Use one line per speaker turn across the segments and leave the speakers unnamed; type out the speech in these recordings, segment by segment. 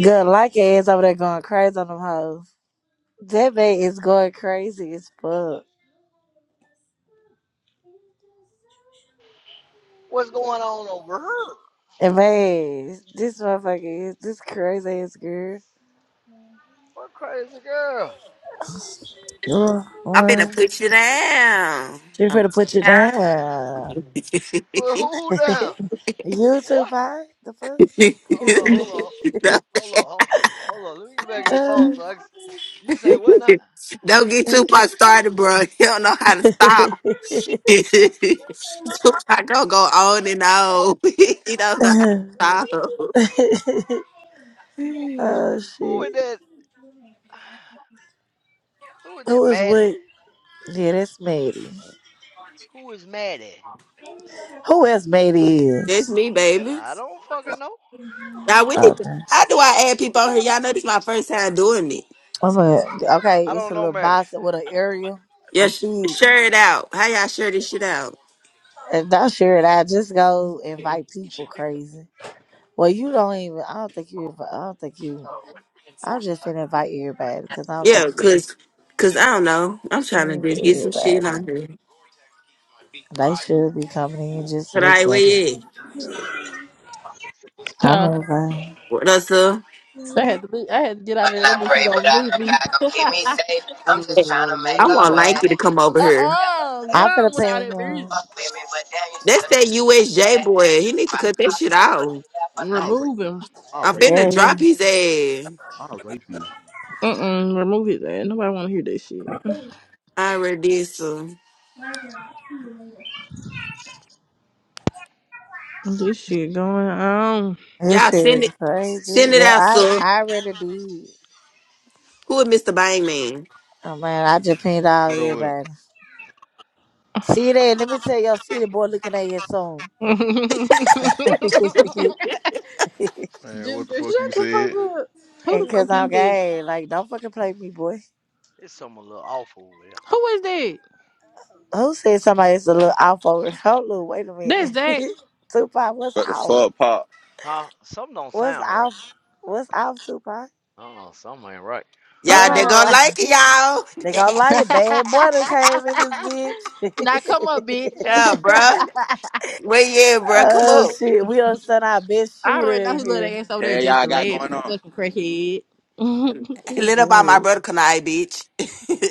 Good like ass over there going crazy on them hoes. That man is going crazy as fuck.
What's going on over her?
And man, this motherfucker is this crazy ass girl.
What crazy girl?
Uh,
I'm finna
What?
put you down.
She
I'm
finna put you down.
Put who down?
you too,
What?
pie. The fuck?
Hold on, hold on, hold on, hold on. Hold on. Let me get back to the phone so I can. You say what now?
don't get Tupac started, bro. He don't know how to stop. Tupac don't go on and on. he don't know how to stop.
oh
Who
shit.
is that? Who is that
Who is
Maddie?
what? Yeah, that's Maddie.
Who is Maddie?
Who else Maddie
That's
is?
me, baby.
I don't fucking know.
Now we need
Oh.
to, how do I add people on here? Y'all know this my first time doing it.
Of a okay,
I
it's
don't
a
know
little
Maddie.
box with an aerial. You
Yeah, sh-
see,
share it out. How y'all share this shit out?
if that's sure I just go invite people crazy. Well, you don't even. I don't think you. invi- I don't think you. I'm just finna invite everybody because I don't think
Yeah,
you
cause, cause I don't know. I'm trying to
friends
just get some
with
shit on
everybody.
here.
They should be coming in and just
Kadai,
look at
where
them.
wait at?
I'm
Huh.
okay.
What up, sir?
I had to leave. I had to get out
Might
of there. That
not
bitch was
pray, but
gonna
I
move
know
me.
God gonna keep me
uh
safe. I'm I'm just just trying to to make
I
make a a
want
way. way.
Lanky
I'm
to come
just
over
trying to
here.
oh, Get
elevate.
I'm
on
finna
without
You
pay
that
may
him.
music.
fuck with me, but damn, you
That's
still
that
stuck in the
USJ
past.
boy. He need to
Smile
cut
in
that
my
shit
face, but
out.
they laugh a I'll nice. rape
Remove
you.
him.
I'll
I'm
rape
finna
you.
Yeah,
drop his ass.
I'll rape you.
Mm-mm. Remove his ass. Nobody wanna hear that shit.
I already did, sir.
This shit going on.
this
Y'all
shit
send
is
it,
crazy.
send it
Yeah,
out,
I
sir.
I already did.
Who is Mr. Bangman?
Oh man, I just pinged all
What up with him?
everybody. See that? Let me tell y'all. See the boy looking at you soon.
Man, what the
Ginger,
fuck you
shut the fuck
said?
up. Who the
and
fuck
cause
is
I'm
that?
gay, like don't fucking play me, boy.
It's something a little awful over her.
Who is that?
Who said somebody is a little off over? Hold on, wait a minute.
That's Zach.
Tupac, what's
What the
off?
fuck, Pop?
Huh? Something don't
What's
sound right.
off? What's off, Tupac?
Uh-uh, something ain't right.
What
Y'all, they
ain't
gonna
Uh-uh.
right?
like it,
They
y'all.
gonna like it. Bad boy done came in this bitch.
now come up, bitch.
yeah, bruh. Where you at, bruh? Come
oh
up.
shit, we done sent our best
I already
shooter
know
in
his little
here.
ass over there
Hell
just
y'all
to
got
laugh
going
and
on?
fucking crackhead.
We
Lit up by my
good.
brother Kanai,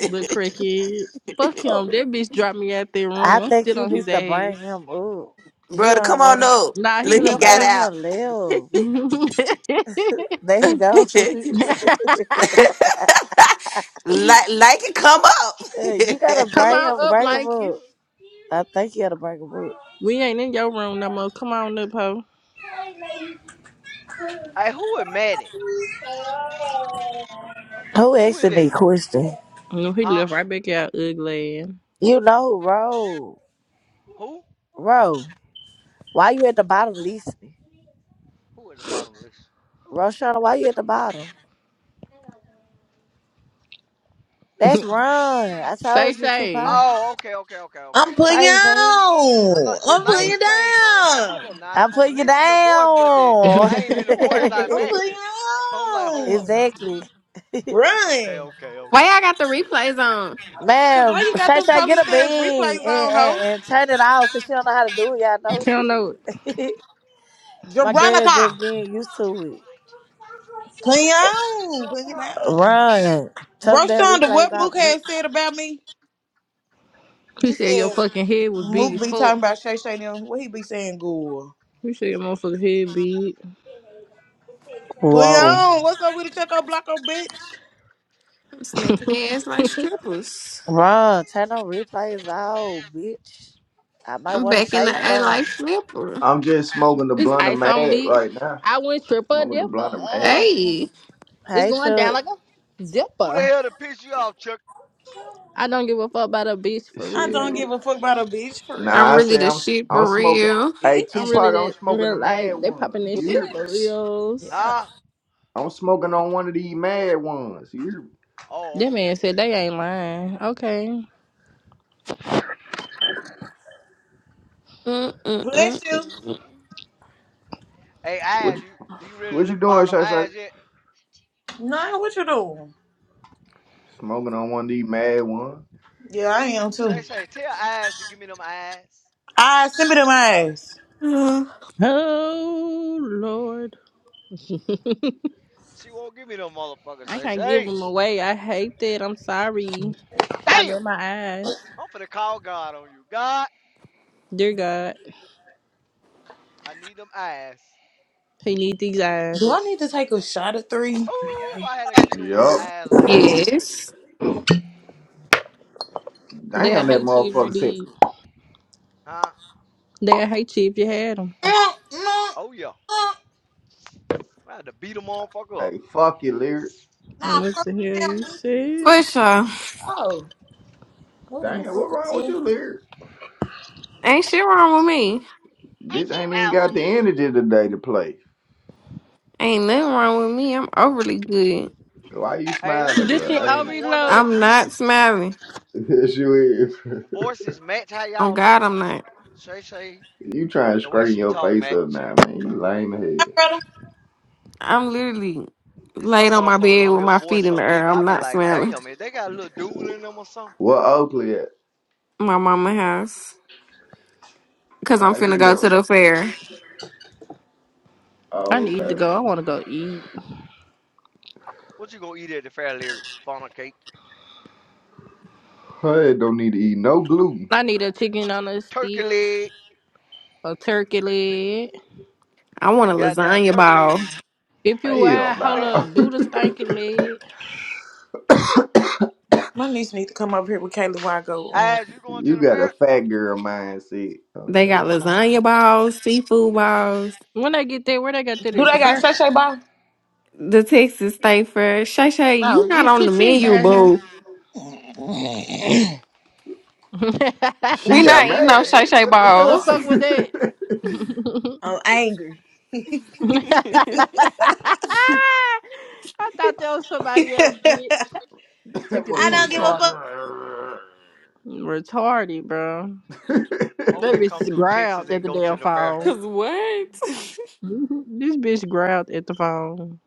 But cricket, fuck him.
Oh,
That bitch dropped me out their
I
room. I'm
think
still
you
on
need
his
to bring
ass.
him up. You
brother,
don't
come on
want.
up.
Nah, he
You
Look, he
done
left
got
made
out.
him live.
Come
There he go.
out. like, like it come
Hey, you gotta
up.
bring
on
him,
up,
bring him
Lanky.
up. I think you gotta bring him up.
We ain't in your room no more. Come on up, ho.
Hey, who is Maddie?
Who
Who is
asking
that?
the question?
No, he
Huh?
left right back out, ugly ass.
You know who, Ro.
Who?
Ro, why you at the bottom listening?
Who at the bottom of this?
Roshana, why you at the bottom? That's run. I
Say,
told you,
say.
Tupac.
Oh, okay, okay, okay, okay.
I'm putting you
Crazy.
I know
on.
the
I'm putting
name
you
changed, so I'm like,
down.
hold up now. I'm
I'm
I'm
putting you
listening to voice, but the, the
down.
name in the voice not
I'm putting
matching. So I'm like, hold up
you on.
now.
exactly.
Okay,
Run.
okay,
Why
okay.
y'all got the replays on?
Cause why
Man,
you got
Shay
them
Shay, get a
police says
bean
replays
and,
on,
and,
ho?
and turn it off because she don't know how to do it. Y'all know
Tell no.
she. My girl
Jeronica.
just getting used to it.
Putting you on. Putting you down.
Run. Turn that
Roshonda,
replays
what Mook
out,
has
bitch.
said about me?
He
You
said your
said
fucking head was big
Mook
as
be
fuck.
talking about Shay Shay them. What he be saying, good?
He said your motherfucking head big.
Put you
Whoa.
on. What's up with the Checo Blocko, bitch?
I'm smacking their ass like strippers.
Run. Turn them replays out, bitch. I might
I'm
want to
back in the
say
A like
something.
flipper.
I'm just smoking the
It's
blunt of
ice on
mad
me.
right now.
I went triple
Smoking the blunt
dipper.
of mad.
Uh,
Hey,
it's
Hey,
going down
Chuck.
like a
Who the
zipper.
hell to piss you off, Chuck?
I don't give a fuck about a bitch for
I
Shit.
don't
real.
give a fuck about a bitch for real.
Nah,
I'm
I
really
say
the
I'm sm-
shit
I'm
for
smoking.
real.
Hey
I'm
Bitch.
really
Tupac, I'm
that in
smoking the
real life.
mad
They
ones.
popping this
You
shit
hear? me?
for
Bitch.
reals.
Yeah.
Huh?
I'm smoking on one of these mad ones. You hear? me?
Oh,
That man
okay.
said they ain't lying. Okay.
Bless you.
Mm-mm-mm-mm.
Hey,
What
Eyes,
you,
you you ready to
what
let
you
me borrow
doing,
them
Shay Shay?
eyes yet?
Nah, what you doing?
Smoking on one of these mad ones.
Yeah, I am too. All
Say, say, tell Eyes to give me them eyes.
right, send me them eyes.
Uh,
Oh Lord.
She won't give me them motherfuckers.
I
Say,
can't give
say,
them away. I hate that. I'm sorry. I
damn!
love my eyes.
I'm finna call God on you. God,
Dear God,
I need them eyes.
he need these
Do
eyes.
I need to take a shot of three?
Oh, if I had to kill one of the
Yup.
eyes like that, oh my goodness.
Yes,
They'll
Damn, that
hate you if you
motherfucker sick.
did.
Huh?
They'll hate you if you had them.
Mm, mm,
Oh yeah.
mm.
I had to beat them motherfucker up.
Hey, fuck you, lyric.
Nah,
What
fuck
the hell you
them.
said?
for sure.
Oh, what in the
Damn,
fuck
what
is
wrong with
here?
you, lyric?
Ain't shit wrong with me.
Bitch, I ain't even got the energy today to play.
Ain't nothing wrong with me. I'm overly good.
Why you
Hey,
smiling,
Leary,
This
you
bro?
know
shit
I
you
ain't.
one of
overloaded.
the
I'm
few
not smiling.
Yes, you is.
voices match how
On
y'all look.
God, I'm not.
Shay Shay,
You trying to
the way
straighten
she
your
talk
face up
match.
now, man. You lame as
Hi,
hell.
brother.
I'm literally
It's
laid
some
on my
motherfuckers
bed
on
with
here
my
voice
feet in the
so deep,
air.
I
I'm
be
not
like,
smiling.
damn, if they got a little dude in them or something,
What Oakley at?
My mama house. Cause I'm
How she
finna go
doing?
to the fair.
I
Oh,
need to
okay.
go. I want to go eat.
what you gonna eat at the fair, Leary? Funnel cake.
Her head don't need to eat no gluten.
I need a chicken on a
Turkey
stick,
leg.
a turkey leg.
I want a
Goddamn
lasagna
turkey
ball.
leg.
If you
Or
uh,
Hell
who
hold
that?
nah.
up, do the stinking leg.
My niece need to come up here with Kayla while I go. Um,
As you going to
you
the
got a
fair?
fat girl mindset. Oh,
They
no.
got lasagna balls, seafood balls,
When I get there, where they got that
do
at?
they
The
got sachet
first?
Bar?
the Texas State Fair. Shay Shay,
No,
you not
you
on the
shit, she ain't
menu,
down here.
boo.
what
She
We
got
not eating no
mad,
Shay
did
Shay
What the
the
balls.
fuck?
fuck with that?
I'm angry.
I thought that was somebody else, bitch.
that
Sick of
I
these
motherfucker
don't give
said,
a
retarded.
fuck.
"Arr."
Retarded, bro.
I'm
That
finna come
bitch
through Texas
growled at
and
the
go
damn
to the fair.
phone.
Cause what?
this bitch growled at the phone.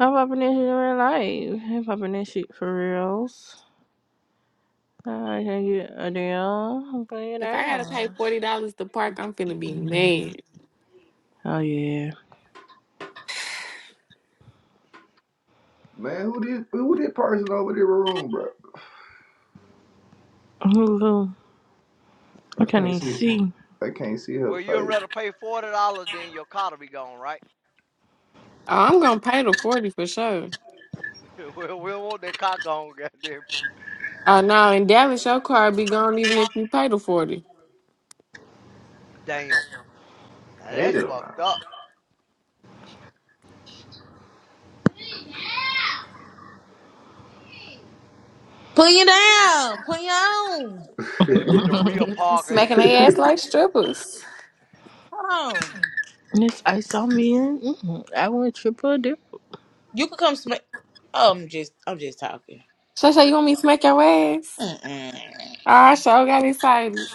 I'm popping that shit in real life. I'm popping that shit for reals. Hi, how you, Adele? I'm playing
if I
out.
gotta pay forty dollars to park, I'm finna be mad.
Oh yeah.
"Man, who this? Who this person over there room, bro?
Ooh, I
I
can't
can't
even
see.
see.
I can't see her
Well, you'd
face.
rather pay $40 than your car to be gone, right?
Oh, I'm gonna pay the forty for sure.
we we don't want that car gone, goddamn.
Oh no, in Dallas, your car be gone even if you pay the forty.
Damn. Now that's fucked
Hell
up.
Put you down. Put you on.
They'd have put
no.
the real
I'm
Parker in
smacking
the
their
trunk.
ass like strippers.
Hold on.
This ice on me. mm I went triple dip.
You can come smack. Oh, I'm just, I'm just talking.
Shay Shay, you want me to smack your ass?
Mm-mm.
Oh, I sure got excited.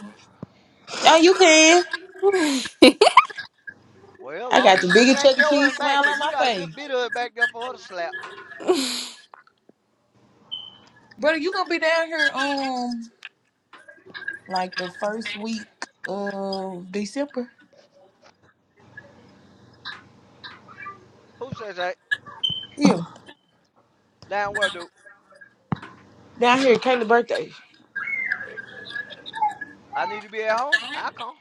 Oh, you can.
Well,
I
long
got
as
the
she
biggest
smack
Chuck E.
your ass
Cheese
back,
smile
'cause
on
you
my
got a
face.
good bit of it back there for her to slap.
Brother, you gonna be down here um like the first week of December.
Who says that?
Yeah.
Down where, dude?
Down here, Kayla's birthday.
I need to be at home. I come.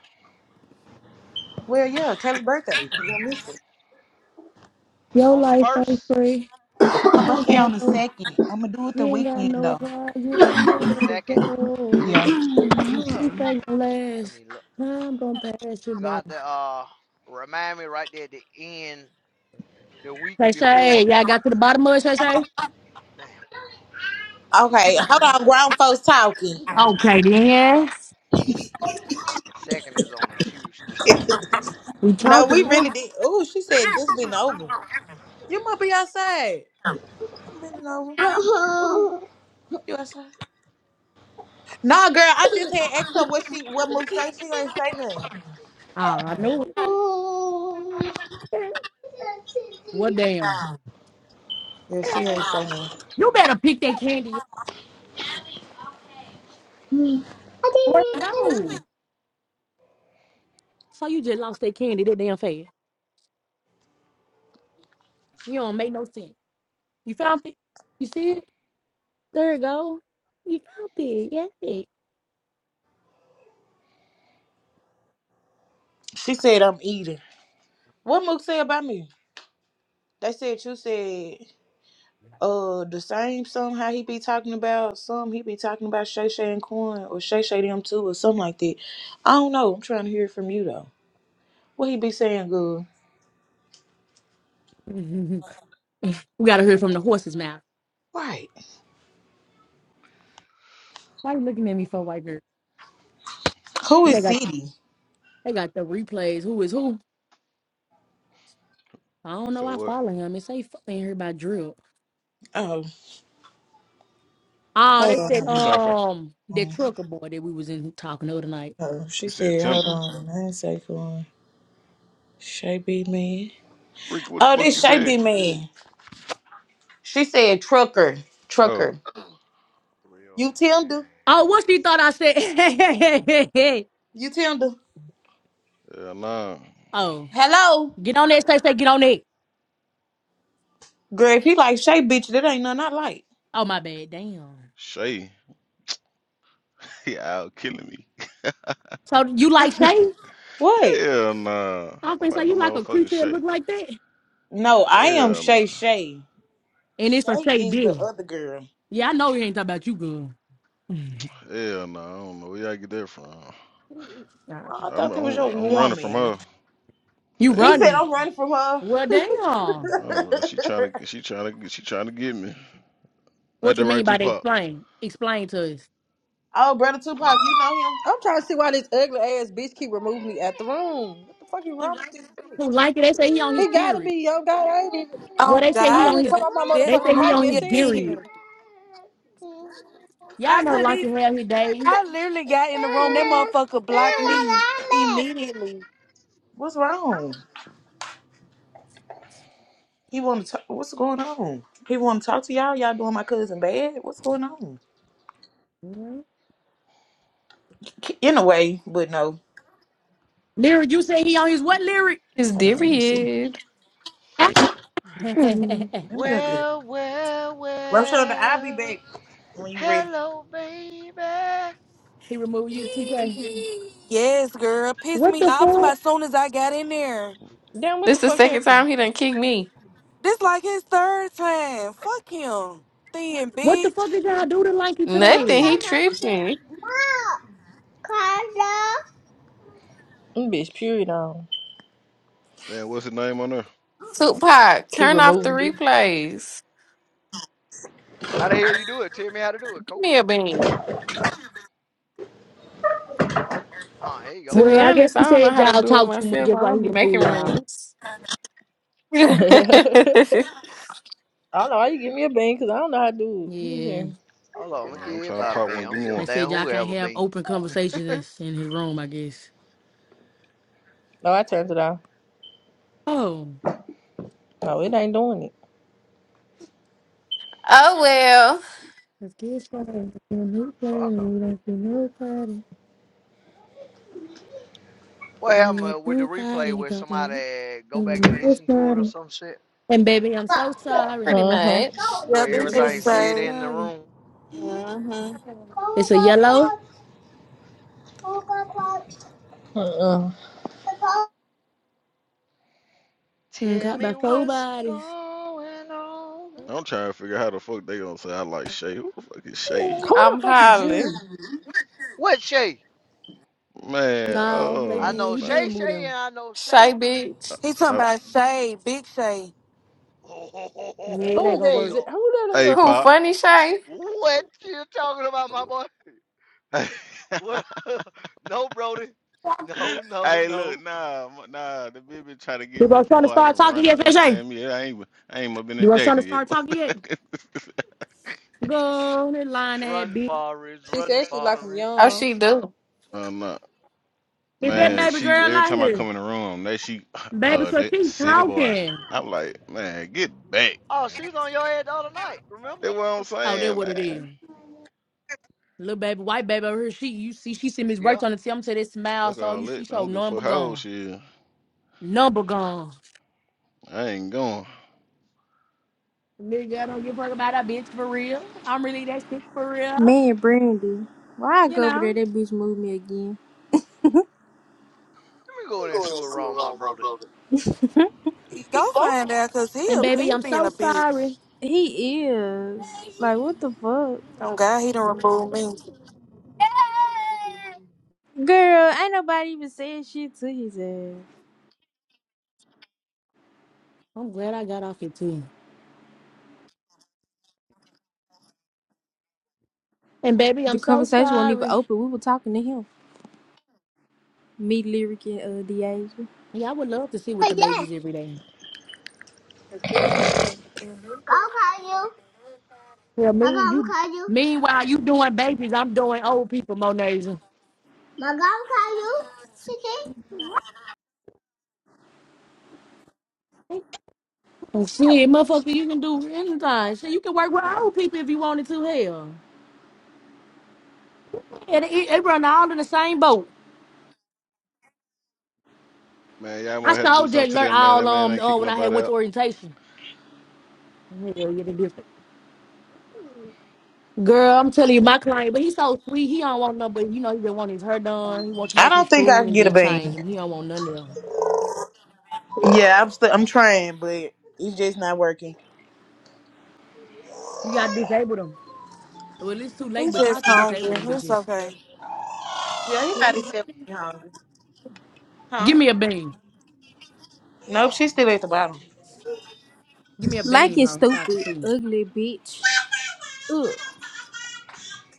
Well yeah, Kayla's birthday. You gonna miss it.
Your
On the
life ain't
first,
free.
Her
You ain't
birthday
got
on the
no,
second. I'm gonna do it
you
the
ain't got
weekend
no
though.
prize. You ain't got
on the
nowhere to
second.
go.
Yeah.
I'm
You streets ain't gonna
I
last.
mean, look,
Nah, I'm gonna pass you
you're going to
by.
have to uh, remind me right there at the end, the week
Shay Shay,
before.
y'all got to the bottom of it, Shay Shay?
Damn,
Okay, hold on, grown
December
folks talking.
Okay, then. yes.
2nd is on a Tuesday.
We
no, we
talking now.
really did Oh, she said just been over. You must be outside. I'm bending over. You outside? No, girl, I just had asked her what she what move say. She ain't say nothing.
Ah, I know it. Well, damn.
Yeah, she ain't say nothing.
You better pick that candy up. Where it go? So you just lost that candy that damn fast. You don't make no sense. You found it? You see it? There it go. You found it. Yeah.
She said I'm eating. What Mook said about me? They said you said uh the same song how he be talking about some he be talking about Shay Shay and Corn or Shay Shay them too or something like that. I don't know. I'm trying to hear it from you though. What he be saying good?
we gotta hear from the horse's mouth.
Right.
Why you looking at me for white girl?
Who
They
is
got
City?
they got the replays. Who is who? I
You
don't know.
said
I
what?
follow him. It say fucking here by drill.
Oh,
Oh,
hold
that's that
on.
You trying to
um
Um,
that trucker boy that we was in talking the other night.
Oh, she
you said
said, hold
Tinder.
on. I didn't say Corn. Shay B man.
Rick, what the
Oh,
fuck
this
you
Shay B
said?
man. She said trucker.
Oh,
Trucker. You Tinder.
Oh, what she thought I said?
You Tinder.
hell nah.
oh,
Hello.
get on that. Say say get on that.
Girl, if he like Shay, bitch, that ain't nothing I like.
Oh my bad. Damn.
Shay, he out killing me.
So you like Shay?
What?
Hell nah. I
I
don't
think so.
like no
You like a
motherfucking
creature that
Shay.
look like that?
No, I am
Hell nah.
Shay Shay.
And it's a
Shay
Shay
is the
D.
other girl.
Yeah, I know he ain't talking about you, girl.
Hell nah. I don't know where y'all get that from.
Nah.
Oh, I
I'm
thought that was
I'm
your
I'm running from
woman.
her.
You
He
Hell
said
running?
nah.
I'm running from her.
Well,
I'm
damn.
running from her. She trying to she trying to she trying to get me. Ain't
What you
that right,
mean by they
Tupac?
explain? Explain to us.
oh, brother Tupac,
Man,
you know him.
trying to see why this ugly ass bitch keep removing me at the room. What the fuck is wrong with this bitch?
Who like it? They say he on his
He gotta
period.
be young guy. I ain't even,
Well,
Oh
they say
I
he
God,
ain't
on
even
his.
uh,
come on my
just
They say
motherfucking
remove
he
mic
on
and
me
his
said
again.
period.
shit.
I
Y'all know
couldn't
like to
even.
have his days.
I literally got in the room. That motherfucker blocked me immediately.
What's wrong? He want to. What's going on? He want to talk to y'all. Y'all doing my cousin bad? What's going on?
Mhm.
In a way, but no.
Lyric, you say he on his what lyric?
it's
Hold on, let me see.
Darius. Mhm.
Let me go get it.
Well, well,
Roshonda, I'll be
well.
back when you ready.
Hello, baby. How
he removed you, TK.
Yes, girl, pissed
What
me
the
off to my
fuck?
soon as I got in there.
Damn, what
This
the
the
fuck
second
happened?
time he done kicked me.
This like his third time. Fuck him, thin
What the fuck
bitch.
did y'all do to like it
Don't
Nothing.
today?
He
say my kid.
tripping.
No. Carla. Mm, bitch, period on.
Man, what's his name on there?
Tupac,
Keep
turn off the
removing me.
replays.
the hell you do it? Tell me how to do it,
Give me
coach.
a bean.
Hold, oh, here you go.
To
Well,
be
I guess
honest,
he
I don't know
said
how to
y'all
do it
talk too much.
myself.
That's
I
why he
don't be making
removed y'all.
rooms. oh
I don't know why you give me a bang because I don't know how to do it. Let me
Yeah.
see.
Hold on, I'm gonna
Yeah,
give
I'm trying to
everybody a
pop
bean.
one.
I
Give
don't
me
give a
one.
They said
damn
y'all
who
can't
ever
have
been.
open conversations in his room, I guess.
No, I turned it off.
Oh.
No, it ain't doing it.
well,
Let's get started. Give me a new
Fuck 'em.
plan. We don't do no planning.
What
Give
happened
me a
uh, with the
cool card
replay
and
where
cup of
somebody go
Give
back
me
and
no
listen to it or
starting.
some shit?
And baby, I'm so
Go.
sorry.
pretty
Uh huh.
much.
Go.
Yep,
Where
it
Baby,
everything
I'm
just
so
said
say.
in the
sorry.
room?
Mm-hmm.
Go,
It's a
go,
yellow
pause. Go, go, pause. Uh uh.
and
Tell
caught by
me
four
what's
bodies.
going on.
I'm trying to figure out how the fuck they gonna say I like Shay. Who the fuck is Shay?
Who the
I'm
fuck is you?
hollering.
What Shay?
Man,
No, they
I
oh,
did.
know
He did
man.
Shay
remove
Shay
them.
and I know Shay.
Shay
Uh,
bitch.
He talking
uh,
about Shay, big Shay.
Yeah,
Who
it ain't
is
Oh,
gonna
that? Is
work.
it,
hell.
who that is
hey,
your
Who
son?
Pop.
funny Shay?
What you talking about, my boy?
hey,
What? no, Brody. No, no,
look,
no.
nah, m- nah. The bitch been trying to
You
get me.
was trying to
Boy, I've
start
been
talking
running.
yet,
You
Fishy?
understand me? Yeah, I ain't, even- I ain't even been
You
in
was trying to
Jackson yet.
start talking yet? Go that line that
Run,
bitch.
Forrest,
She
run,
said she like him
Forrest,
Oh,
run.
young.
she do.
no, no,
Is that
man.
Huh?
baby
She
girl
every
out
time I
here?
come in the room, that she,
Baby,
uh,
cause
that
she
city boy.
talking.
I'm like, man, get back,
Oh, she
man.
was on your head the other night, remember?
That's what I'm
Oh, that
saying,
what it is.
man.
Little baby, white baby over here. She, you see, she see Miss
Yeah.
Rachel on the I'm say that smile.
Fuck
So
all
you see,
that. I
so
don't give a fuck
number
how old
gone,
she is.
number gone.
I ain't going.
Nigga, I don't give a fuck about that bitch for real. I'm really that sick for real,
Man, Brandy, why I
you
go over there?
know.
That bitch moved me again.
Let me go
You
in there
doing
and see
that
what's
shit
wrong with my
wrong, my
brother.
brother.
Go find out, cause he
And
a
baby, I'm
big being
so
a
sorry.
bitch.
He is like, what the fuck,
Oh God, he done removed me.
girl? Ain't nobody even saying shit to his ass.
I'm glad I got off it too. And baby, I'm
The
so
conversation wasn't even
sorry.
open. We were talking to him. Me, lyric, and uh, Deasia.
Yeah, I would love to see with the
Yeah.
babies every day.
I'll call you.
Yeah, me,
I'm gonna
you.
call you.
Meanwhile, you doing babies, I'm doing old people, Monaza.
Magam, can you
And shit, motherfucker, you can do anything. Shit, you can work with old people if you wanted to. Hell. Yeah, they, they run all in the same boat.
Man, y'all
I
might have to
saw
do
just
something to
learn
that man.
all
That man
um
ain't
uh,
kicking
when I had
nobody
went to
out.
orientation. Hell yeah, they different. Girl, I'm telling you, my client, but he's so sweet. He don't want no, but you know, he just want his hair done. He want you to
I
make his
don't think I
food
can
and
get a
just change
bean.
him. He don't want none of them.
Yeah, I'm still I'm trying, but it's just not working.
You gotta disable them. Well, it's too late,
He's
but y'all
just
can disable
hungry.
them
It's
bitches.
okay.
Yeah, he might have said when he hungry. Huh?
Give me a beam.
Nope, she's still at the bottom.
Give me a
Like
beam,
you
huh, so I can
stupid,
see.
ugly bitch. Ugh.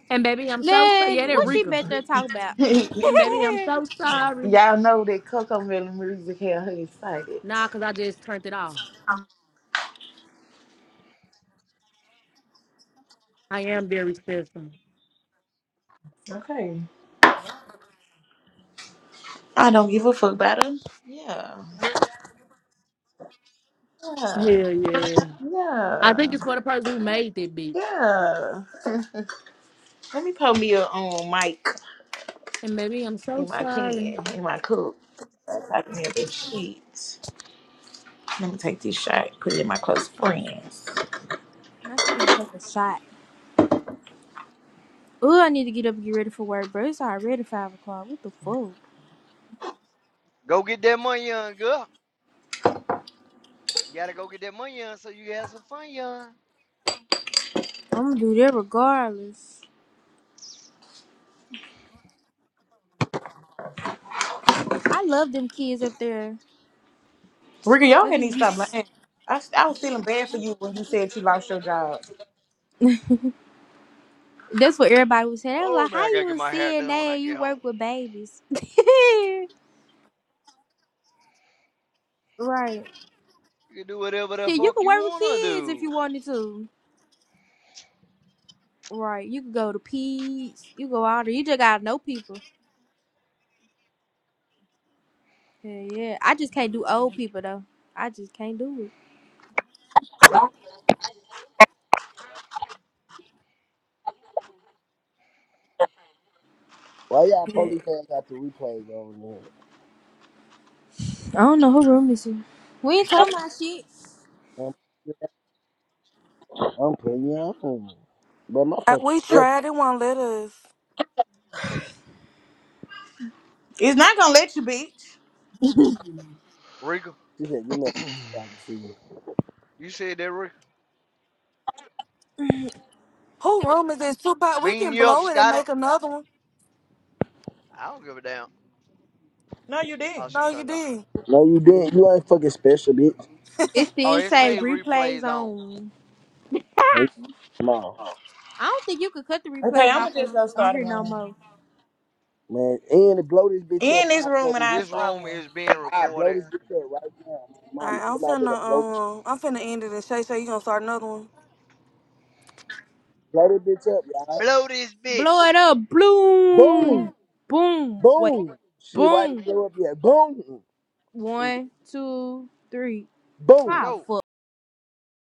And baby, I'm so sorry.
Man,
Yeah, they're
what she
Rika.
back there talking about?
Y'all
And baby, I'm so sorry.
know that Coco Melon music had her excited.
Nah, cause I just turned it off. I am very special.
Okay. I don't give a fuck about him. Yeah. Yeah.
Hell yeah. I think
Yeah.
it's for the person who made that bitch.
Yeah. Let me put me a um mic
And baby, I'm so
in my
sorry.
can, in my cup. I can have this shit. Let me take this shot, put it in my close friends.
Not just gonna take a shot. Ugh, I need to get up and get ready for work, bro. It's already five o'clock. What the fuck?
Go get that money, young girl. You gotta go get that money, young, so you can have some fun, young.
I'm gonna do that regardless. I love them kids up there.
Ricky, your
They
head
just
needs to
be.
stop lying. I, I was feeling bad for you when you said you lost your job.
That's what everybody was saying. They was
Oh
like,
man,
"How
I gotta
you a
get my hair done when
CNA?
I
and You
get home.
work with babies, right?
You can do whatever the
Shit, you
fuck
could
you
work with
wanna
kids if
do.
you wanted to, right? You could go to peds. You go out there. You just gotta know people. Yeah, yeah. I just can't do old people though. I just can't do it.
Why y'all
Yeah.
police ain't got the replays on
I don't know who room this is. We ain't talking about shit.
there? I'm, I'm putting you all on. But my
Uh,
fucking
We
brother,
tried it, won't let us.
It's not gonna let you, bitch.
Rika,
she said, you man, I can see you.
you said that, Rika.
Who room is this? Tupac, we
Beating
can
you up,
blow it and
Scotty.
make another one.
I don't give a damn.
No, you
Oh,
didn't.
she
No, you
turned it off.
did.
No, you didn't. You ain't fucking special, bitch.
It
Oh,
still
it
say
say
replays
replays on.
on.
No, you small.
I don't think you could cut the
Okay,
replays
I'm
off
gonna
of,
just go
on
start a
here no
room.
more.
Man, and to blow this bitch up,
In this
I blow
room, and
this
I
This
bitch,
start
room
one.
is being
I blow
recorded.
this bitch up right now. Mama,
Alright, I'm
somebody
finna
better blow,
um I'm finna end it and Shay Shay, you gonna start another one.
blow this bitch up, y'all.
Blow this
Blow
bitch.
it up. Bloom.
Boom!
Boom. Wait.
Boom! Shit, why you
Boom.
blow up yet? Boom! Shit,
One, two, three.
boom!
Go.
Five.